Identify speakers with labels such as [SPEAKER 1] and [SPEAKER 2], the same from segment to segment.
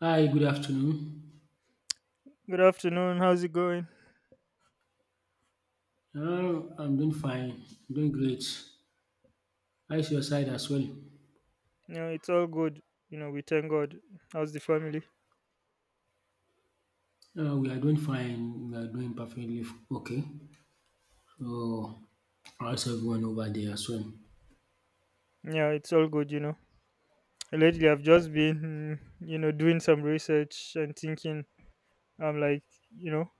[SPEAKER 1] Hi, good afternoon.
[SPEAKER 2] Good afternoon. How's it going?
[SPEAKER 1] I'm doing fine, I'm doing great. How is your side as well?
[SPEAKER 2] You know, it's all good. You know, we thank God. How's the family?
[SPEAKER 1] We are doing fine, we are doing perfectly okay. So, how's everyone over there as well?
[SPEAKER 2] Yeah, it's all good. Lately I've just been doing some research and thinking. I'm like, you know,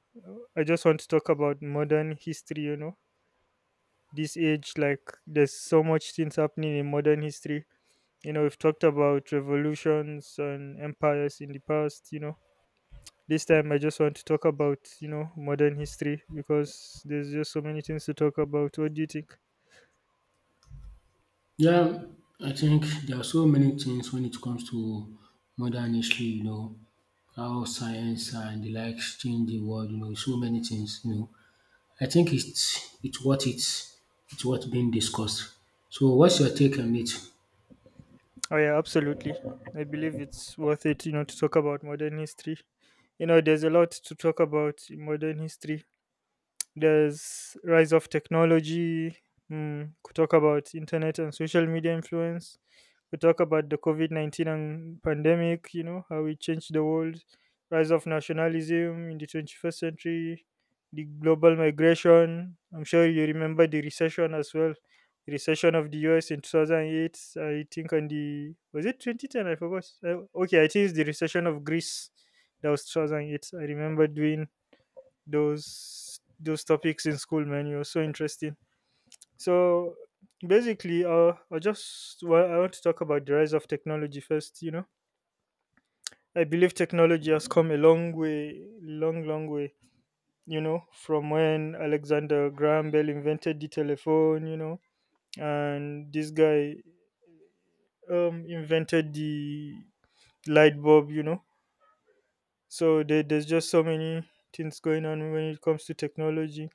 [SPEAKER 2] I just want to talk about modern history. This age, like, there's so much things happening in modern history. We've talked about revolutions and empires in the past. This time I just want to talk about modern history because there's just so many things to talk about. What do you think?
[SPEAKER 1] Yeah, I think there are so many things when it comes to modern history, you know, how science and the likes change the world, you know, so many things, you know. I think it's what it's what being discussed. So, what's your take on it?
[SPEAKER 2] Oh yeah, absolutely. I believe it's worth it to talk about modern history. There's a lot to talk about in modern history. There's rise of technology. Could talk about internet and social media influence. We talk about the COVID 19 and pandemic. You know how it changed the world. Rise of nationalism in the 21st century. The global migration. I'm sure you remember the recession as well. The recession of the US in 2008. I think on the was it 2010? I forgot. Okay, I think it's the recession of Greece. That was 2008. I remember doing those topics in school, man. It was so interesting. So basically, I just, well, I want to talk about the rise of technology first. I believe technology has come a long way, long, long way. From when Alexander Graham Bell invented the telephone. And this guy invented the light bulb. So there's just so many things going on when it comes to technology.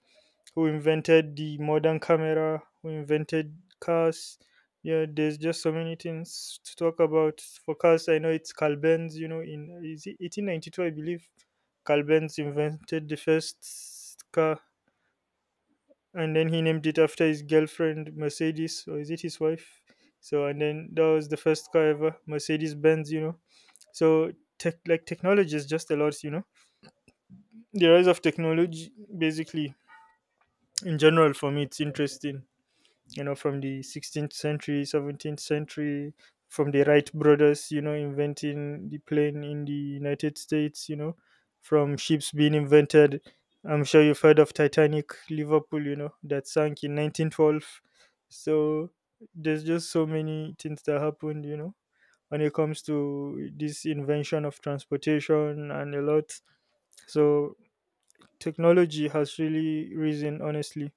[SPEAKER 2] Who invented the modern camera, who invented cars? Yeah, there's just so many things to talk about for cars. I know it's Carl Benz, in is it 1892, I believe. Carl Benz invented the first car, and then he named it after his girlfriend, Mercedes, or is it his wife? So, and then that was the first car ever, Mercedes Benz. So, tech, like technology is just a lot. The rise of technology, basically, in general, for me, it's interesting. From the 16th century, 17th century. From the Wright brothers inventing the plane in the United States. From ships being invented. I'm sure you've heard of Titanic Liverpool that sank in 1912. So there's just so many things that happened when it comes to this invention of transportation and a lot. So technology has really risen, honestly,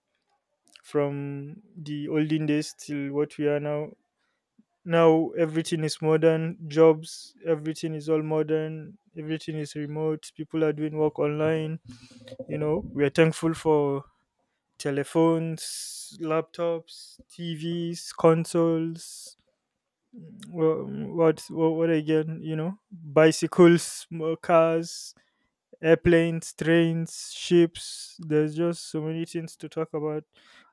[SPEAKER 2] from the olden days till what we are now. Now everything is modern, jobs, everything is all modern, everything is remote, people are doing work online. We are thankful for telephones, laptops, TVs, consoles, what again, bicycles, cars, airplanes, trains, ships. There's just so many things to talk about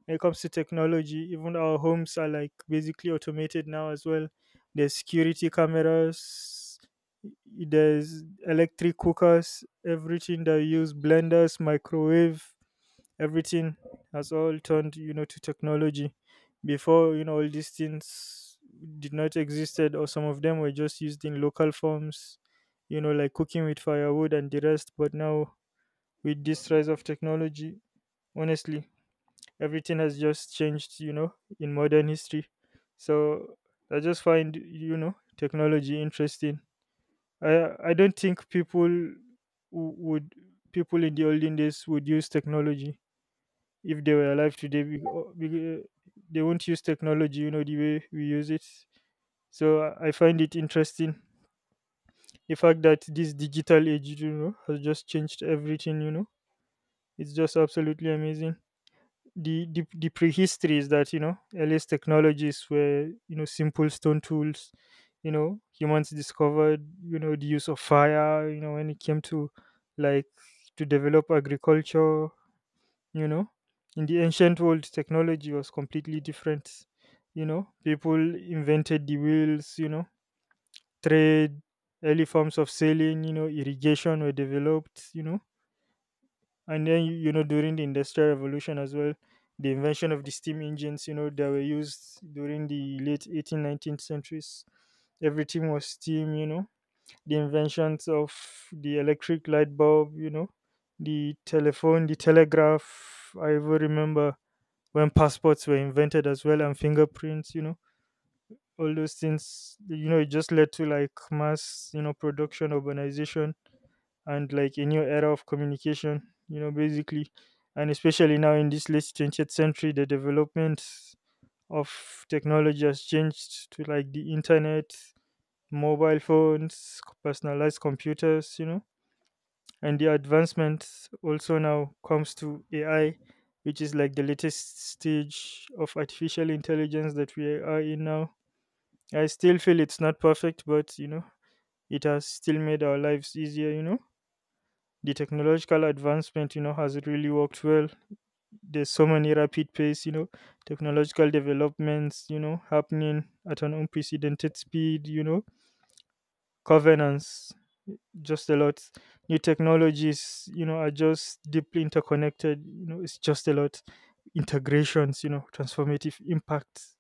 [SPEAKER 2] when it comes to technology. Even our homes are like basically automated now as well. There's security cameras, there's electric cookers, everything that you use, blenders, microwave, everything has all turned to technology. Before all these things did not existed, or some of them were just used in local forms, like cooking with firewood and the rest. But now, with this rise of technology, honestly, everything has just changed in modern history. So I just find, technology interesting. I don't think would people in the olden days would use technology if they were alive today. We, they won't use technology the way we use it. So I find it interesting, the fact that this digital age has just changed everything. It's just absolutely amazing. The prehistory is that, earliest technologies were, simple stone tools. Humans discovered, the use of fire, when it came to, like, to develop agriculture. You know in the ancient world, technology was completely different. People invented the wheels, trade, early forms of sailing, irrigation were developed. And then, during the industrial revolution as well, the invention of the steam engines, that were used during the late 18th, 19th centuries. Everything was steam. The inventions of the electric light bulb, the telephone, the telegraph. I even remember when passports were invented as well, and fingerprints, all those things, it just led to, like, mass, production, urbanization, and, like, a new era of communication, basically. And especially now, in this late 20th century, the development of technology has changed to, like, the internet, mobile phones, personalized computers, and the advancement also now comes to AI, which is like the latest stage of artificial intelligence that we are in now. I still feel it's not perfect, but, it has still made our lives easier. The technological advancement, has really worked well. There's so many rapid pace, technological developments, happening at an unprecedented speed. Governance, just a lot. New technologies, are just deeply interconnected. It's just a lot. Integrations, transformative impacts.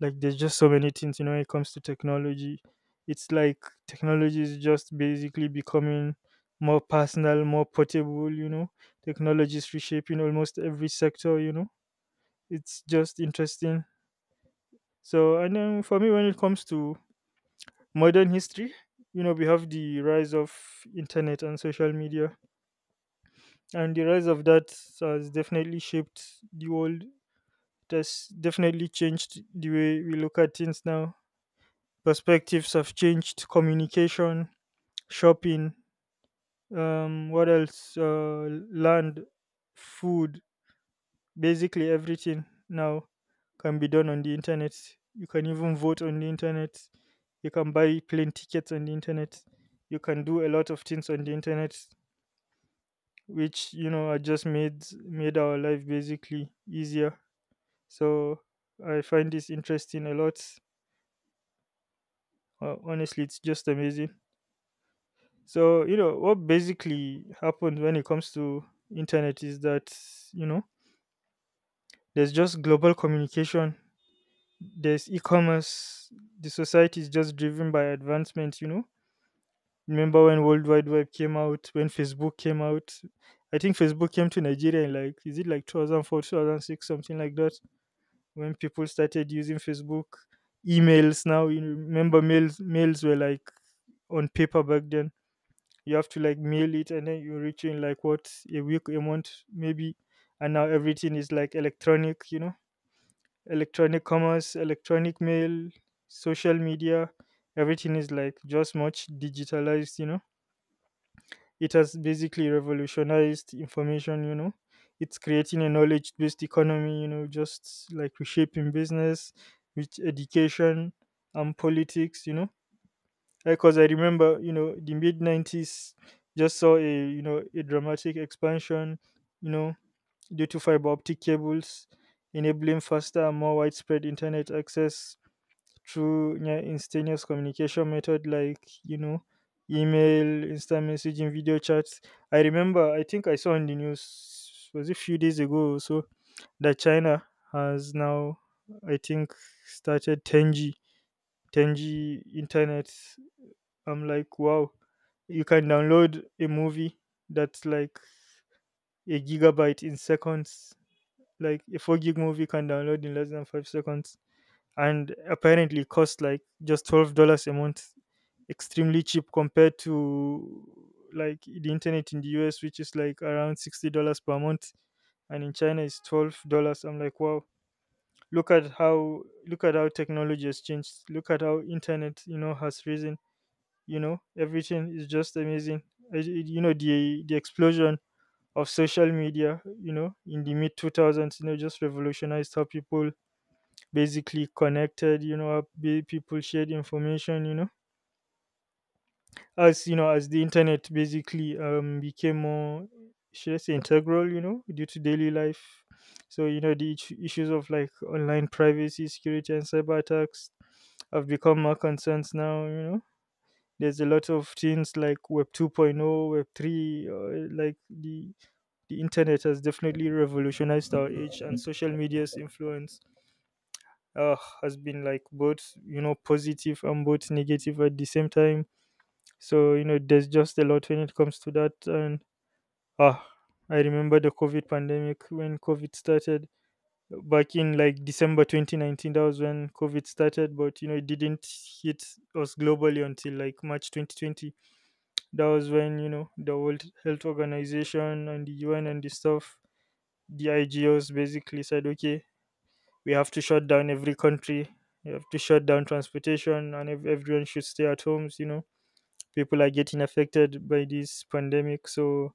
[SPEAKER 2] Like, there's just so many things, when it comes to technology. It's like technology is just basically becoming more personal, more portable. Technology is reshaping almost every sector. It's just interesting. So and then, for me, when it comes to modern history, we have the rise of internet and social media, and the rise of that has definitely shaped the world. It has definitely changed the way we look at things now. Perspectives have changed, communication, shopping, what else, land, food, basically everything now can be done on the internet. You can even vote on the internet. You can buy plane tickets on the internet. You can do a lot of things on the internet, which are just made our life basically easier. So I find this interesting a lot. Honestly, it's just amazing. So, you know what basically happens when it comes to internet is that, you know there's just global communication, there's e-commerce, the society is just driven by advancement. Remember when World Wide Web came out, when Facebook came out. I think Facebook came to Nigeria in, like, is it like 2004, 2006, something like that, when people started using Facebook. Emails, now you remember mails were like on paper back then. You have to, like, mail it, and then you reach in, like, what, a week, a month, maybe. And now everything is like electronic, electronic commerce, electronic mail, social media, everything is like just much digitalized. It has basically revolutionized information. It's creating a knowledge based economy, just like reshaping business with education and politics. Because I remember, the mid 90s just saw a dramatic expansion, you know, due to fiber optic cables enabling faster and more widespread internet access through near instantaneous communication method like, email, instant messaging, video chats. I remember, I think I saw in the news, was it a few days ago or so, that China has now, I think, started 10G 10G internet. I'm like, wow, you can download a movie that's like a gigabyte in seconds, like a 4 gig movie can download in less than 5 seconds, and apparently cost like just $12 a month, extremely cheap compared to like the internet in the US, which is like around $60 per month, and in China it's $12. I'm like, wow, look at how technology has changed. Look at how internet has risen. Everything is just amazing. The explosion of social media. You know in the mid two thousands, you know just revolutionized how people basically connected, you know people shared information, you know as the internet basically became more, should I say, integral, you know, due to daily life. So you know the issues of like online privacy, security, and cyber attacks have become more concerns now, you know. There's a lot of things like web 2.0, web 3, like the internet has definitely revolutionized our age, and social media's influence uh, has been like both, you know, positive and both negative at the same time. So you know there's just a lot when it comes to that. And ah I remember the COVID pandemic. When COVID started back in like December 2019, that was when COVID started, but you know it didn't hit us globally until like March 2020. That was when, you know, the World Health Organization and the UN and the stuff, the IGOs, basically said, okay, we have to shut down every country. We have to shut down transportation, and everyone should stay at homes. You know, people are getting affected by this pandemic. So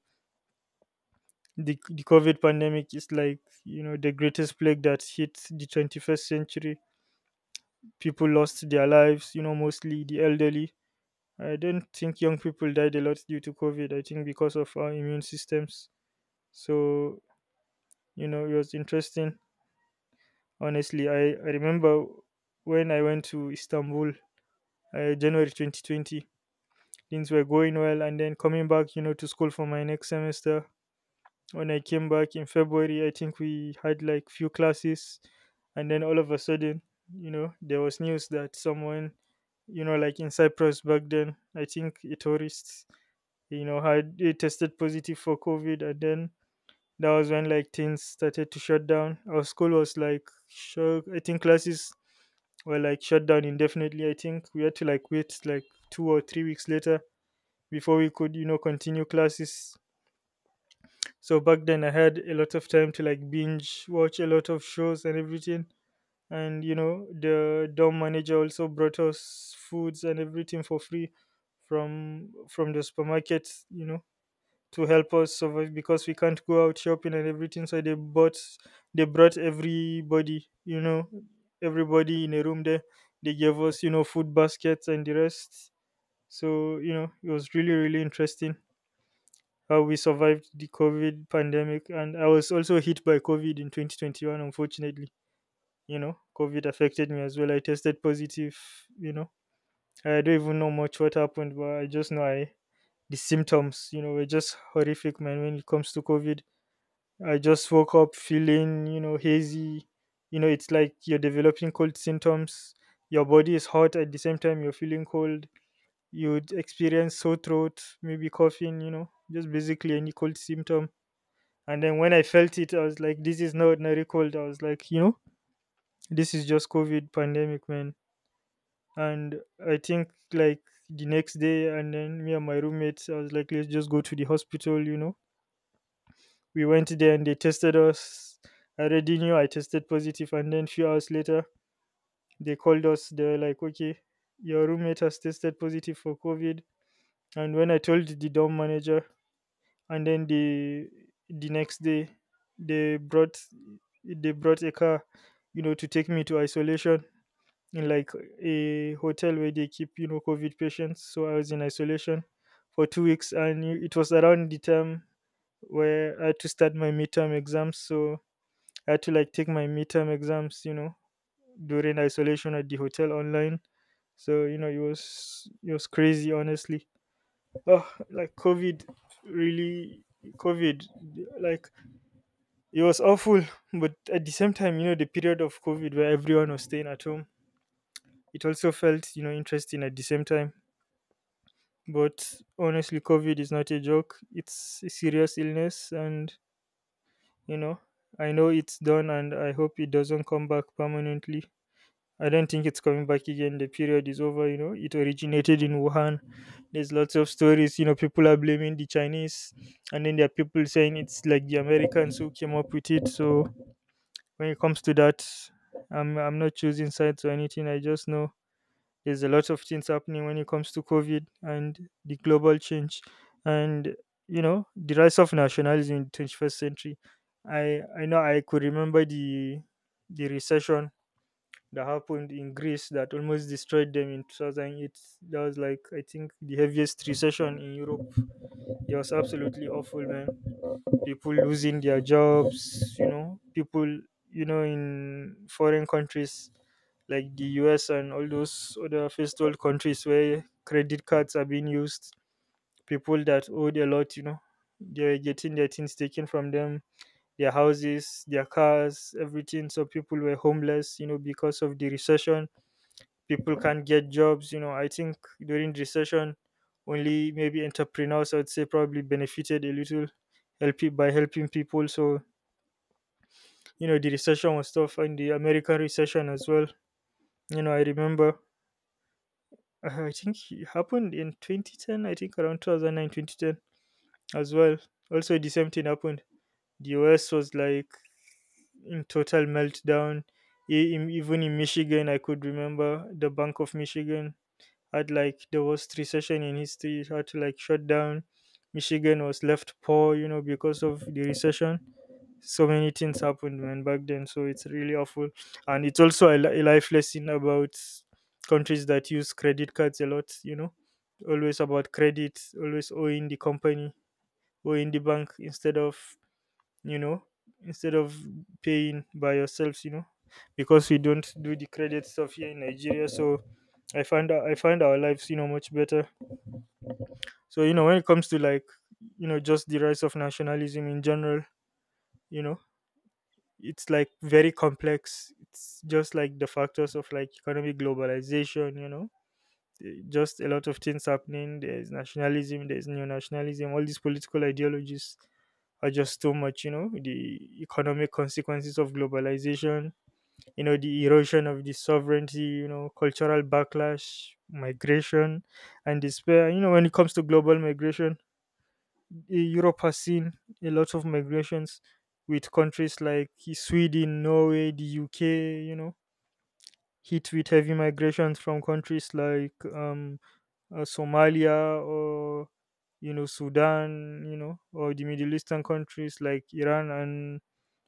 [SPEAKER 2] the COVID pandemic is like, you know, the greatest plague that hit the 21st century. People lost their lives. You know, mostly the elderly. I don't think young people died a lot due to COVID. I think because of our immune systems. So you know, it was interesting. Honestly, I remember when I went to Istanbul January 2020. Things were going well, and then coming back, you know, to school for my next semester. When I came back in February, I think we had like few classes, and then all of a sudden, you know, there was news that someone, you know, like in Cyprus back then, I think a tourist, you know, had tested positive for COVID, and then that was when like things started to shut down. Our school was like, sure, I think classes were like shut down indefinitely. I think we had to like wait like 2 or 3 weeks later before we could, you know, continue classes. So back then I had a lot of time to like binge watch a lot of shows and everything. And you know the dorm manager also brought us foods and everything for free from the supermarket, you know, to help us survive because we can't go out shopping and everything. So they brought everybody, you know, everybody in a room there. They gave us, you know, food baskets and the rest. So, you know, it was really, really interesting how we survived the COVID pandemic. And I was also hit by COVID in 2021, unfortunately. You know, COVID affected me as well. I tested positive, you know. I don't even know much what happened, but I just know I the symptoms, you know, were just horrific, man, when it comes to COVID. I just woke up feeling, you know, hazy. You know, it's like you're developing cold symptoms. Your body is hot at the same time you're feeling cold. You would experience sore throat, maybe coughing, you know, just basically any cold symptom. And then when I felt it, I was like, this is not ordinary cold. I was like, you know, this is just COVID pandemic, man. And I think like the next day, and then me and my roommates, I was like, let's just go to the hospital, you know. We went there and they tested us. I already knew I tested positive, and then few hours later, they called us. They were like, "Okay, your roommate has tested positive for COVID." And when I told the dorm manager, and then the next day, they brought they brought a car, you know, to take me to isolation in like a hotel where they keep, you know, COVID patients. So I was in isolation for 2 weeks, and it was around the time where I had to start my midterm exams. So I had to like take my midterm exams, you know, during isolation at the hotel online. So, you know, it was crazy honestly. Oh, like COVID really COVID like it was awful, but at the same time, you know, the period of COVID where everyone was staying at home, it also felt, you know, interesting at the same time. But honestly, COVID is not a joke. It's a serious illness and, you know, I know it's done and I hope it doesn't come back permanently. I don't think it's coming back again. The period is over, you know. It originated in Wuhan. There's lots of stories, you know, people are blaming the Chinese, and then there are people saying it's like the Americans who came up with it. So when it comes to that, I'm not choosing sides or anything. I just know there's a lot of things happening when it comes to COVID and the global change, and you know, the rise of nationalism in the 21st century. I know I could remember the recession that happened in Greece that almost destroyed them in 2008. That was like, I think, the heaviest recession in Europe. It was absolutely awful, man. People losing their jobs, you know, people, you know, in foreign countries like the US and all those other first world countries where credit cards are being used, people that owed a lot, you know, they're getting their things taken from them, their houses, their cars, everything. So people were homeless, you know, because of the recession. People can't get jobs, you know. I think during recession only maybe entrepreneurs, I'd say, probably benefited a little, help by helping people. So you know the recession was tough, and the American recession as well. You know, I remember, I think it happened in 2010, I think around 2009 2010 as well. Also the same thing happened, the US was like in total meltdown. Even in Michigan, I could remember the Bank of Michigan had like the worst recession in history, had to like shut down. Michigan was left poor, you know, because of the recession. So many things happened, man, back then. So it's really awful. And it's also a, a life lesson about countries that use credit cards a lot, you know, always about credit, always owing the company, owing the bank instead of, you know, instead of paying by yourselves, you know, because we don't do the credit stuff here in Nigeria. So I find our lives, you know, much better. So you know, when it comes to like, you know, just the rise of nationalism in general, you know, it's like very complex. It's just like the factors of like economic globalization, you know, just a lot of things happening. There's nationalism, there's neo nationalism, all these political ideologies are just too much, you know, the economic consequences of globalization, you know, the erosion of the sovereignty, you know, cultural backlash, migration, and despair. You know, when it comes to global migration, Europe has seen a lot of migrations with countries like Sweden, Norway, the UK, you know, hit with heavy migrations from countries like Somalia, or you know Sudan, you know, or the Middle Eastern countries like Iran and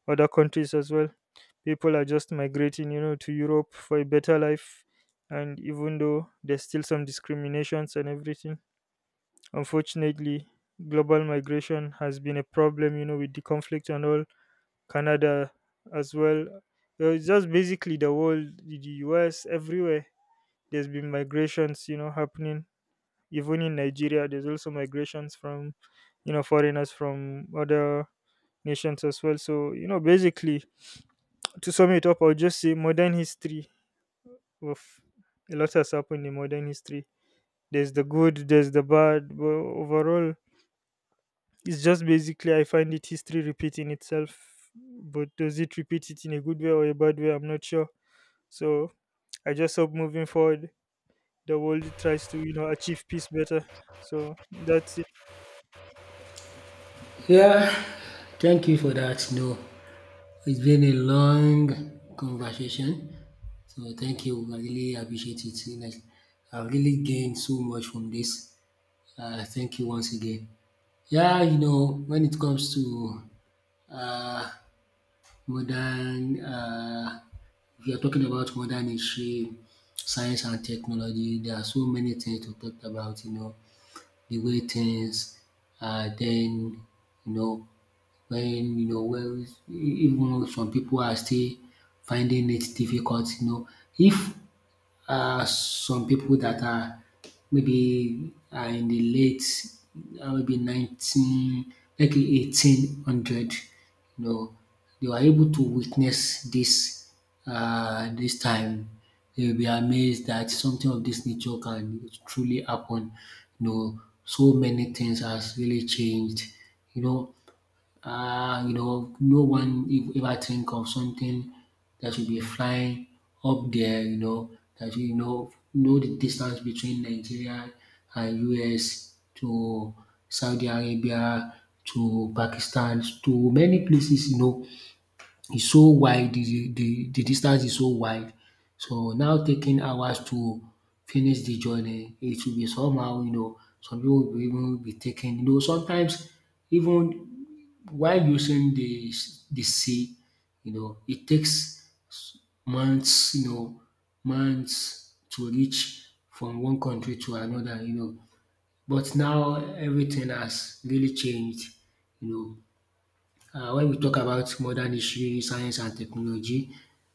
[SPEAKER 2] other countries as well. People are just migrating, you know, to Europe for a better life, and even though there's still some discriminations and everything, unfortunately, global migration has been a problem, you know, with the conflict and all. Canada as well. It's just basically the world, the US, everywhere. There's been migrations, you know, happening even in Nigeria, there's also migrations from, you know, foreigners from other nations as well. So, you know, basically, to sum it up, I'll just say modern history of a lot has happened in modern history. There's the good, there's the bad, but overall, it's just basically I find it history repeating itself. But does it repeat it in a good way or a bad way? I'm not sure. So I just hope moving forward, the world tries to, you know, achieve peace better. So that's it.
[SPEAKER 1] Yeah, thank you for that. No, it's been a long conversation. So thank you. I really appreciate it. Like, I really gained so much from this. Thank you once again. Yeah, you know, when it comes to uh, modern, if you're talking about modern history, science and technology, there are so many things to talk about, you know, the way things are then, you know, when you know well, even though some people are still finding it difficult you know. If some people that are maybe are in the late maybe nineteen make e 1800 you know, they were able to witness this this time, they will be amazed that something of this nature can truly happen you know. So many things has really changed you know, you know, no one ever think of something that will be flying up there, you know, that you know the distance between Nigeria and US to Saudi Arabia to Pakistan to many places, you know, is so wide, the distance is so wide. So now taking hours to finish the journey, it will be somehow, you know, some people will even be taking, you know, sometimes even while using the sea, you know, it takes months, you know, months to reach from one country to another, you know. But now everything has really changed, you know. When we talk about modern history, science and technology,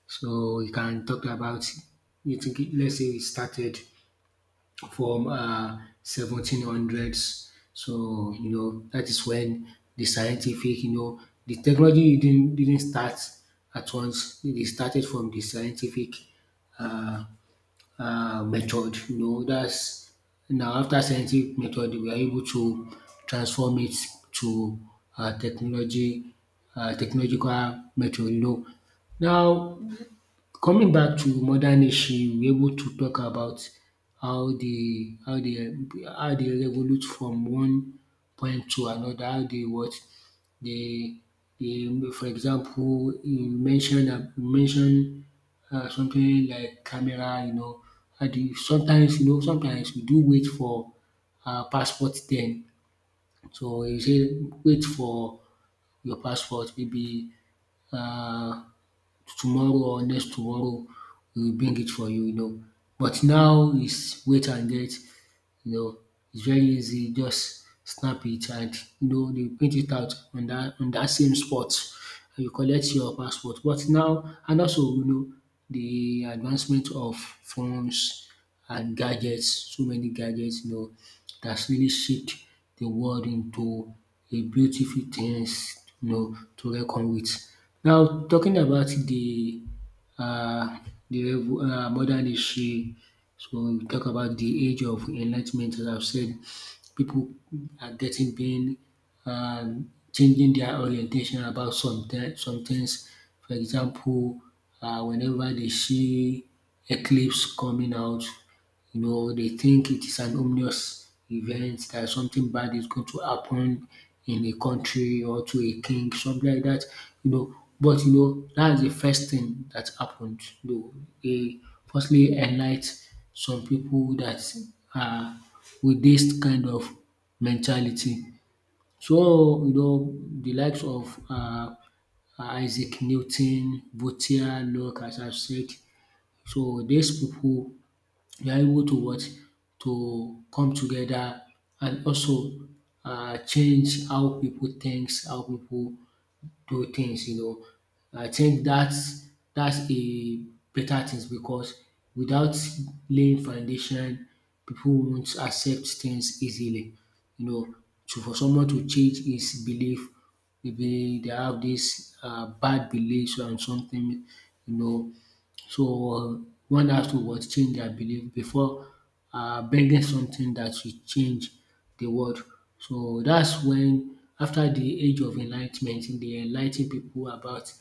[SPEAKER 1] so we can talk about it. Let's say we started from 1700s. So you know that is when the scientific, you know, the technology didn't start at once. It started from the scientific uh, method. You know, that's now after scientific method, we are able to transform it to technology, technological method. You know, now coming back to modern issue we able to talk about how dey how dey how dey revolute from one point to another how dey what dey dey for example you mention am you mention something like camera you know, how dey sometimes you know sometimes we do wait for our passport then so you say wait for your passport maybe um tomorrow or next tomorrow, we will bring it for you you know. But now is wait and get, you know, it's very easy, just snap it and you know dey print it out on that same spot and you collect your passport. But now and also you know the advancement of phones and gadgets, so many gadgets you know that's really shaped the world into a beautiful things you know to reckon with. Now talking about uh, the level, modern history. So we talk about the age of enlightenment, as I've said, people are getting pain, changing their orientation about some, some things. For example, whenever they see eclipse coming out, you know, they think it is an ominous event that something bad is going to happen in a country or to a king, something like that, you know. But you know, that's the first thing that happened. You know, they firstly enlight some people that are with this kind of mentality. So you know, the likes of Isaac Newton, Voltaire, Locke, as I've said. So these people you are able to what? To come together and also change how people thinks, how people do things you know. I think that's a better things because without laying foundation people won't accept things easily you know. So for someone to change his belief maybe they have this bad beliefs and something you know so, one has to what? Change their belief before bringing something that will change the world. So, that's when after the age of Enlightenment, they enlighten people about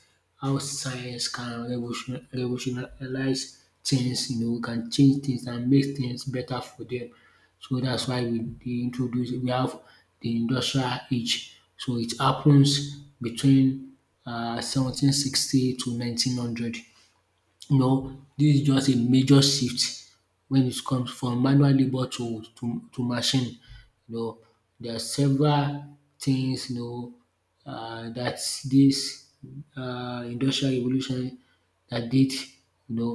[SPEAKER 1] how science can revolutionize things you know, can change things and make things better for them. So, that's why we dey introduce we have the industrial age. So, it happens between 1760 to 1900. You know, dis is just a major shift when it comes from manual labour to to machine. You know, there are several things you know dat dis industrial revolution that did you know,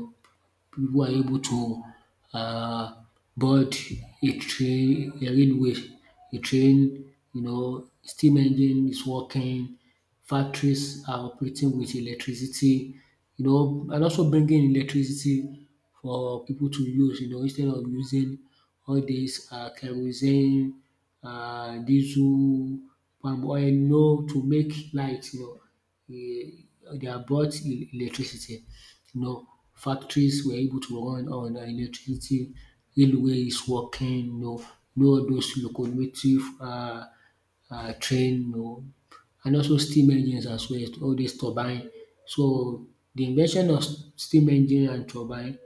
[SPEAKER 1] we were able to uh, board a train a railway, a train you know steam engine is working, factories are operating with electricity you know and also bringing electricity for people to use you know instead of using all dis kerosene, diesel, palm oil you know to make light you know they have brought electricity. You know, factories were able to run on electricity, railway is working, you know, do all those locomotive train you know and also steam engines as well, all dis turbine. So de invention of steam engine and turbine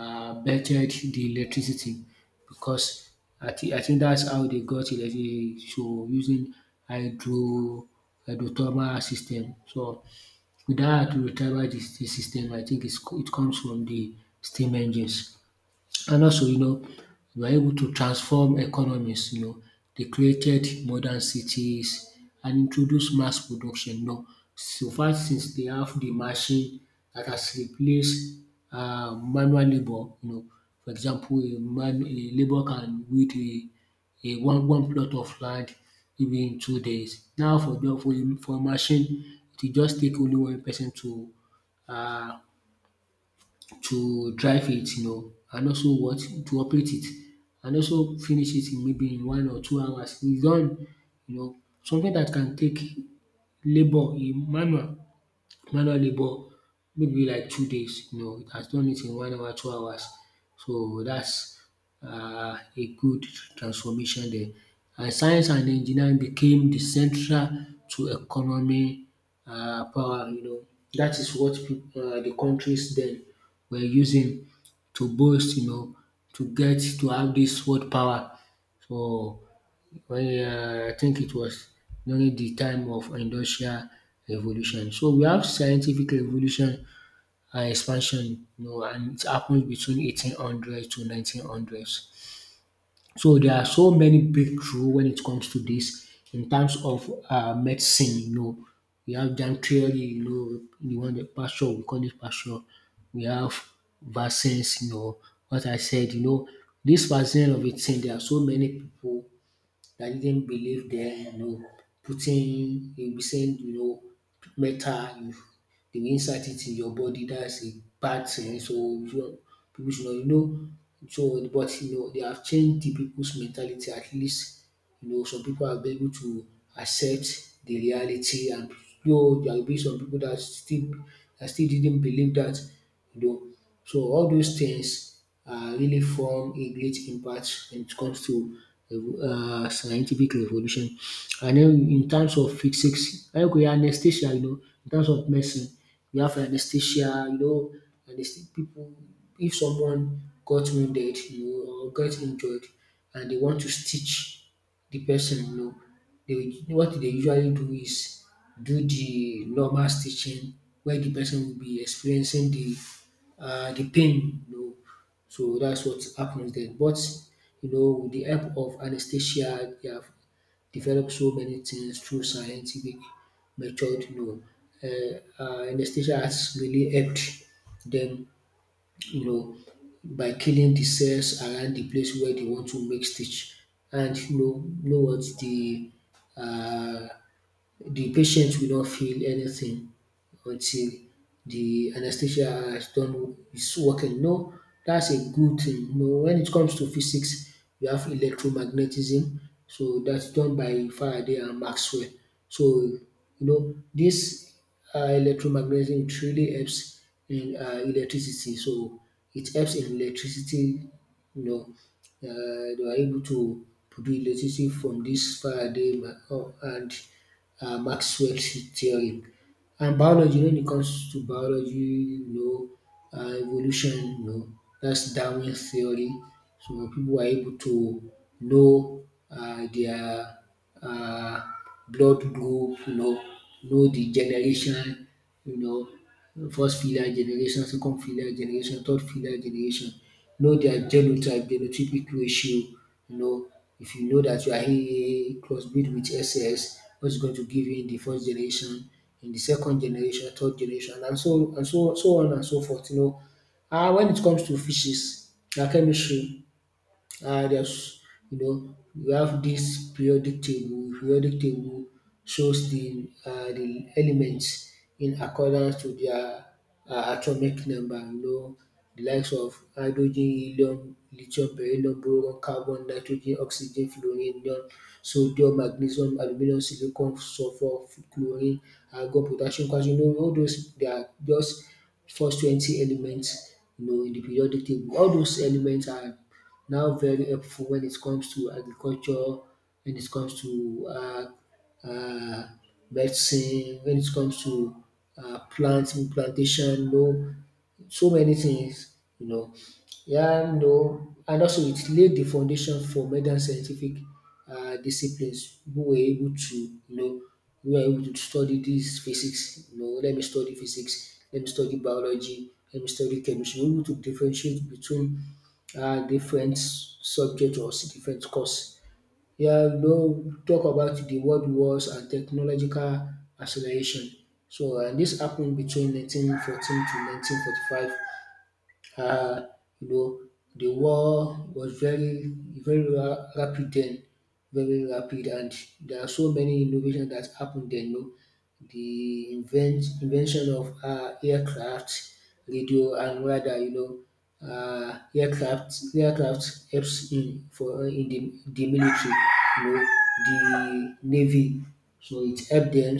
[SPEAKER 1] bettered de electricity because I think dats how dey got electricity so using hydro hydrothermal system. So with that, to retrieval the system, I think it's, it comes from the steam engines. And also, you know, we are able to transform economies, you know. They created modern cities and introduced mass production. You know, so far since they have the machine that has replaced manual labor, you know, for example, a labor can weed a, one plot of land maybe in 2 days. Now for the for a machine, it will just take only one person uh to drive it you know and also what? To operate it and also finish it in maybe in 1 or 2 hours. It's done you know something that can take labour in manual Manual labour maybe like 2 days, you know, it has done it in 1 hour, 2 hours. So that's a good transformation there. And science and engineering became the central to economy power, you know. That is what de countries then were using to boast, you know, to get to have this world power. So well, I think it was during the time of industrial revolution. So we have scientific revolution and expansion, you know, and it happened between 1800 to 1900s. So there are so many breakthrough when it comes to this in terms of medicine. You know, we have germ theory. You know, the one that Pasteur we call it Pasteur. We have vaccines. You know, what I said. You know, this vaccine of a thing. There are so many people I didn't believe them, you know, putting, you'll be saying, you know, metal, you, they will insert it in your body, that's a bad thing. So, you know, people should not, you know, so, but, you know, they have changed the people's mentality at least you know, some people have been able to accept the reality and though there will be some people that still didn't believe that, you know. So all those things really form a great impact when it comes to scientific revolution. And then in terms of physics, I agree anesthesia, you know, in terms of medicine, we have anesthesia, you know, anesthesia. People, if someone got wounded, you know, or got injured and they want to stitch the person you know. They will what they usually do is do the normal stitching where the person will be experiencing the pain you know. So that's what happens then. But you know with the help of anesthesia they have developed so many things through scientific method you know. Anesthesia has really helped them, you know, by killing the cells around the place where they want to make stitch. And you know what um the patient will not feel anything until the anesthesia has done is working. No, that's a good thing. No, when it comes to physics, we have electromagnetism, so that's done by Faraday and Maxwell. So, you know, this electromagnetism it really helps in electricity. So, it helps in electricity, you know, they were able to produce electricity from this Faraday ma- oh, and Maxwell theory. And biology, when it comes to biology, you know, evolution, you know, that's Darwin theory. So people are able to know their uh, blood group, you know the generation, you know first fillar generation, second fillar generation, third fillar generation. Know their genotype, genotypic ratio. You know, if you know that you are AA crossbreed with S S, what's going to give you in the first generation, in the second generation, third generation, and so so on and so forth. When it comes to fishes, their chemistry there's you know you have this periodic table. Periodic table shows the elements in accordance to their atomic number. You know the likes of hydrogen, helium, lithium, beryllium, boron, carbon, nitrogen, oxygen, fluorine, neon, sodium, magnesium, aluminum, silicon, sulfur, chlorine, argon, potassium, calcium. You know all those, they are just first 20 elements, you know, in the periodic table. All those elements are now very helpful when it comes to agriculture, when it comes to um medicine, when it comes to plantation, you know, so many things, you know. Yeah, you know, and also it laid the foundation for modern scientific disciplines. We were able to you know we were able to study dis physics, you know, let me study physics, let me study biology, let me study chemistry. We were able to differentiate between different subject or different course. Yeah, we don talk about the world wars and technological acceleration. So and dis happen between 1914 to 1945. uh, you know, the war was very, very rapid then, very rapid, and there are so many innovations that happened then. You know, the invention of aircraft, radio, and radar. You know, aircraft helps in for in the military. You know, the navy. So it helped them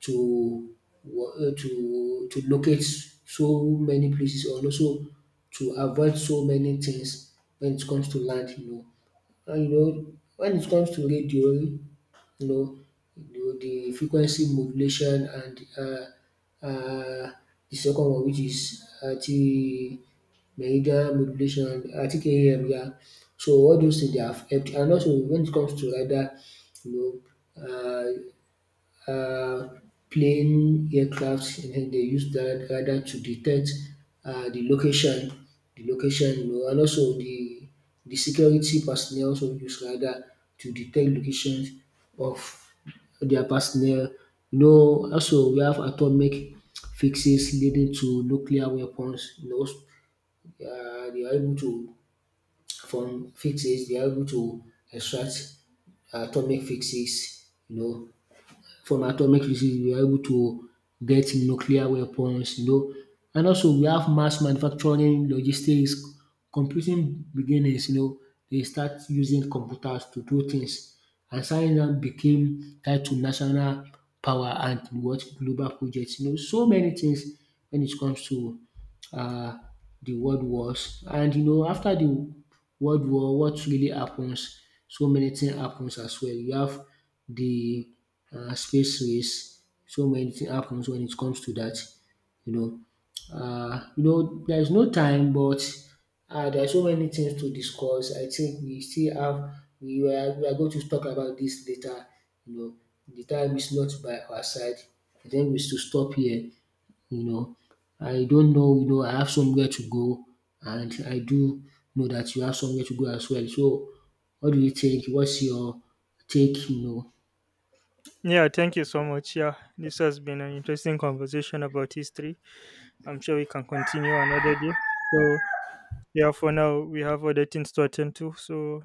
[SPEAKER 1] to to locate so many places and also to avoid so many things when it comes to land, you know. And you know, when it comes to radio, know, you know the frequency modulation and the second one which is anti meridian modulation, anti AM, yeah. So all those things they have helped. And also when it comes to radar, you know, uh, uh, plane aircrafts and then they use that radar to detect uh, the location, the location, you know, and also the security personnel also use radar to detect locations of their personnel. You know, also we have atomic fixes leading to nuclear weapons. You know, they are able to from fixes they are able to extract atomic fixes. You know, from atomic disease. We are able to get nuclear weapons, you know. And also we have mass manufacturing, logistics, computing beginnings, you know, they start using computers to do things. And science now became tied to national power and what global projects, you know, so many things when it comes to uh, the world wars. And you know, after the world war, what really happens? So many things happens as well. You have the space race. So many things happens when it comes to that, you know. There's no time, but there are so many things to discuss. I think we still have we are going to talk about this later. You know, the time is not by our side. I think we should stop here. You know, I don't know. You know, I have somewhere to go, and I do know that you have somewhere to go as well. So, what do you think? What's your take? You know.
[SPEAKER 2] Yeah, thank you so much. Yeah, this has been an interesting conversation about history. I'm sure we can continue another day. So, yeah, for now, we have other things to attend to. So,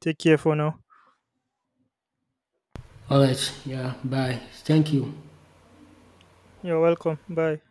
[SPEAKER 2] take care for now.
[SPEAKER 1] All right. Yeah. Bye. Thank you.
[SPEAKER 2] You're welcome. Bye.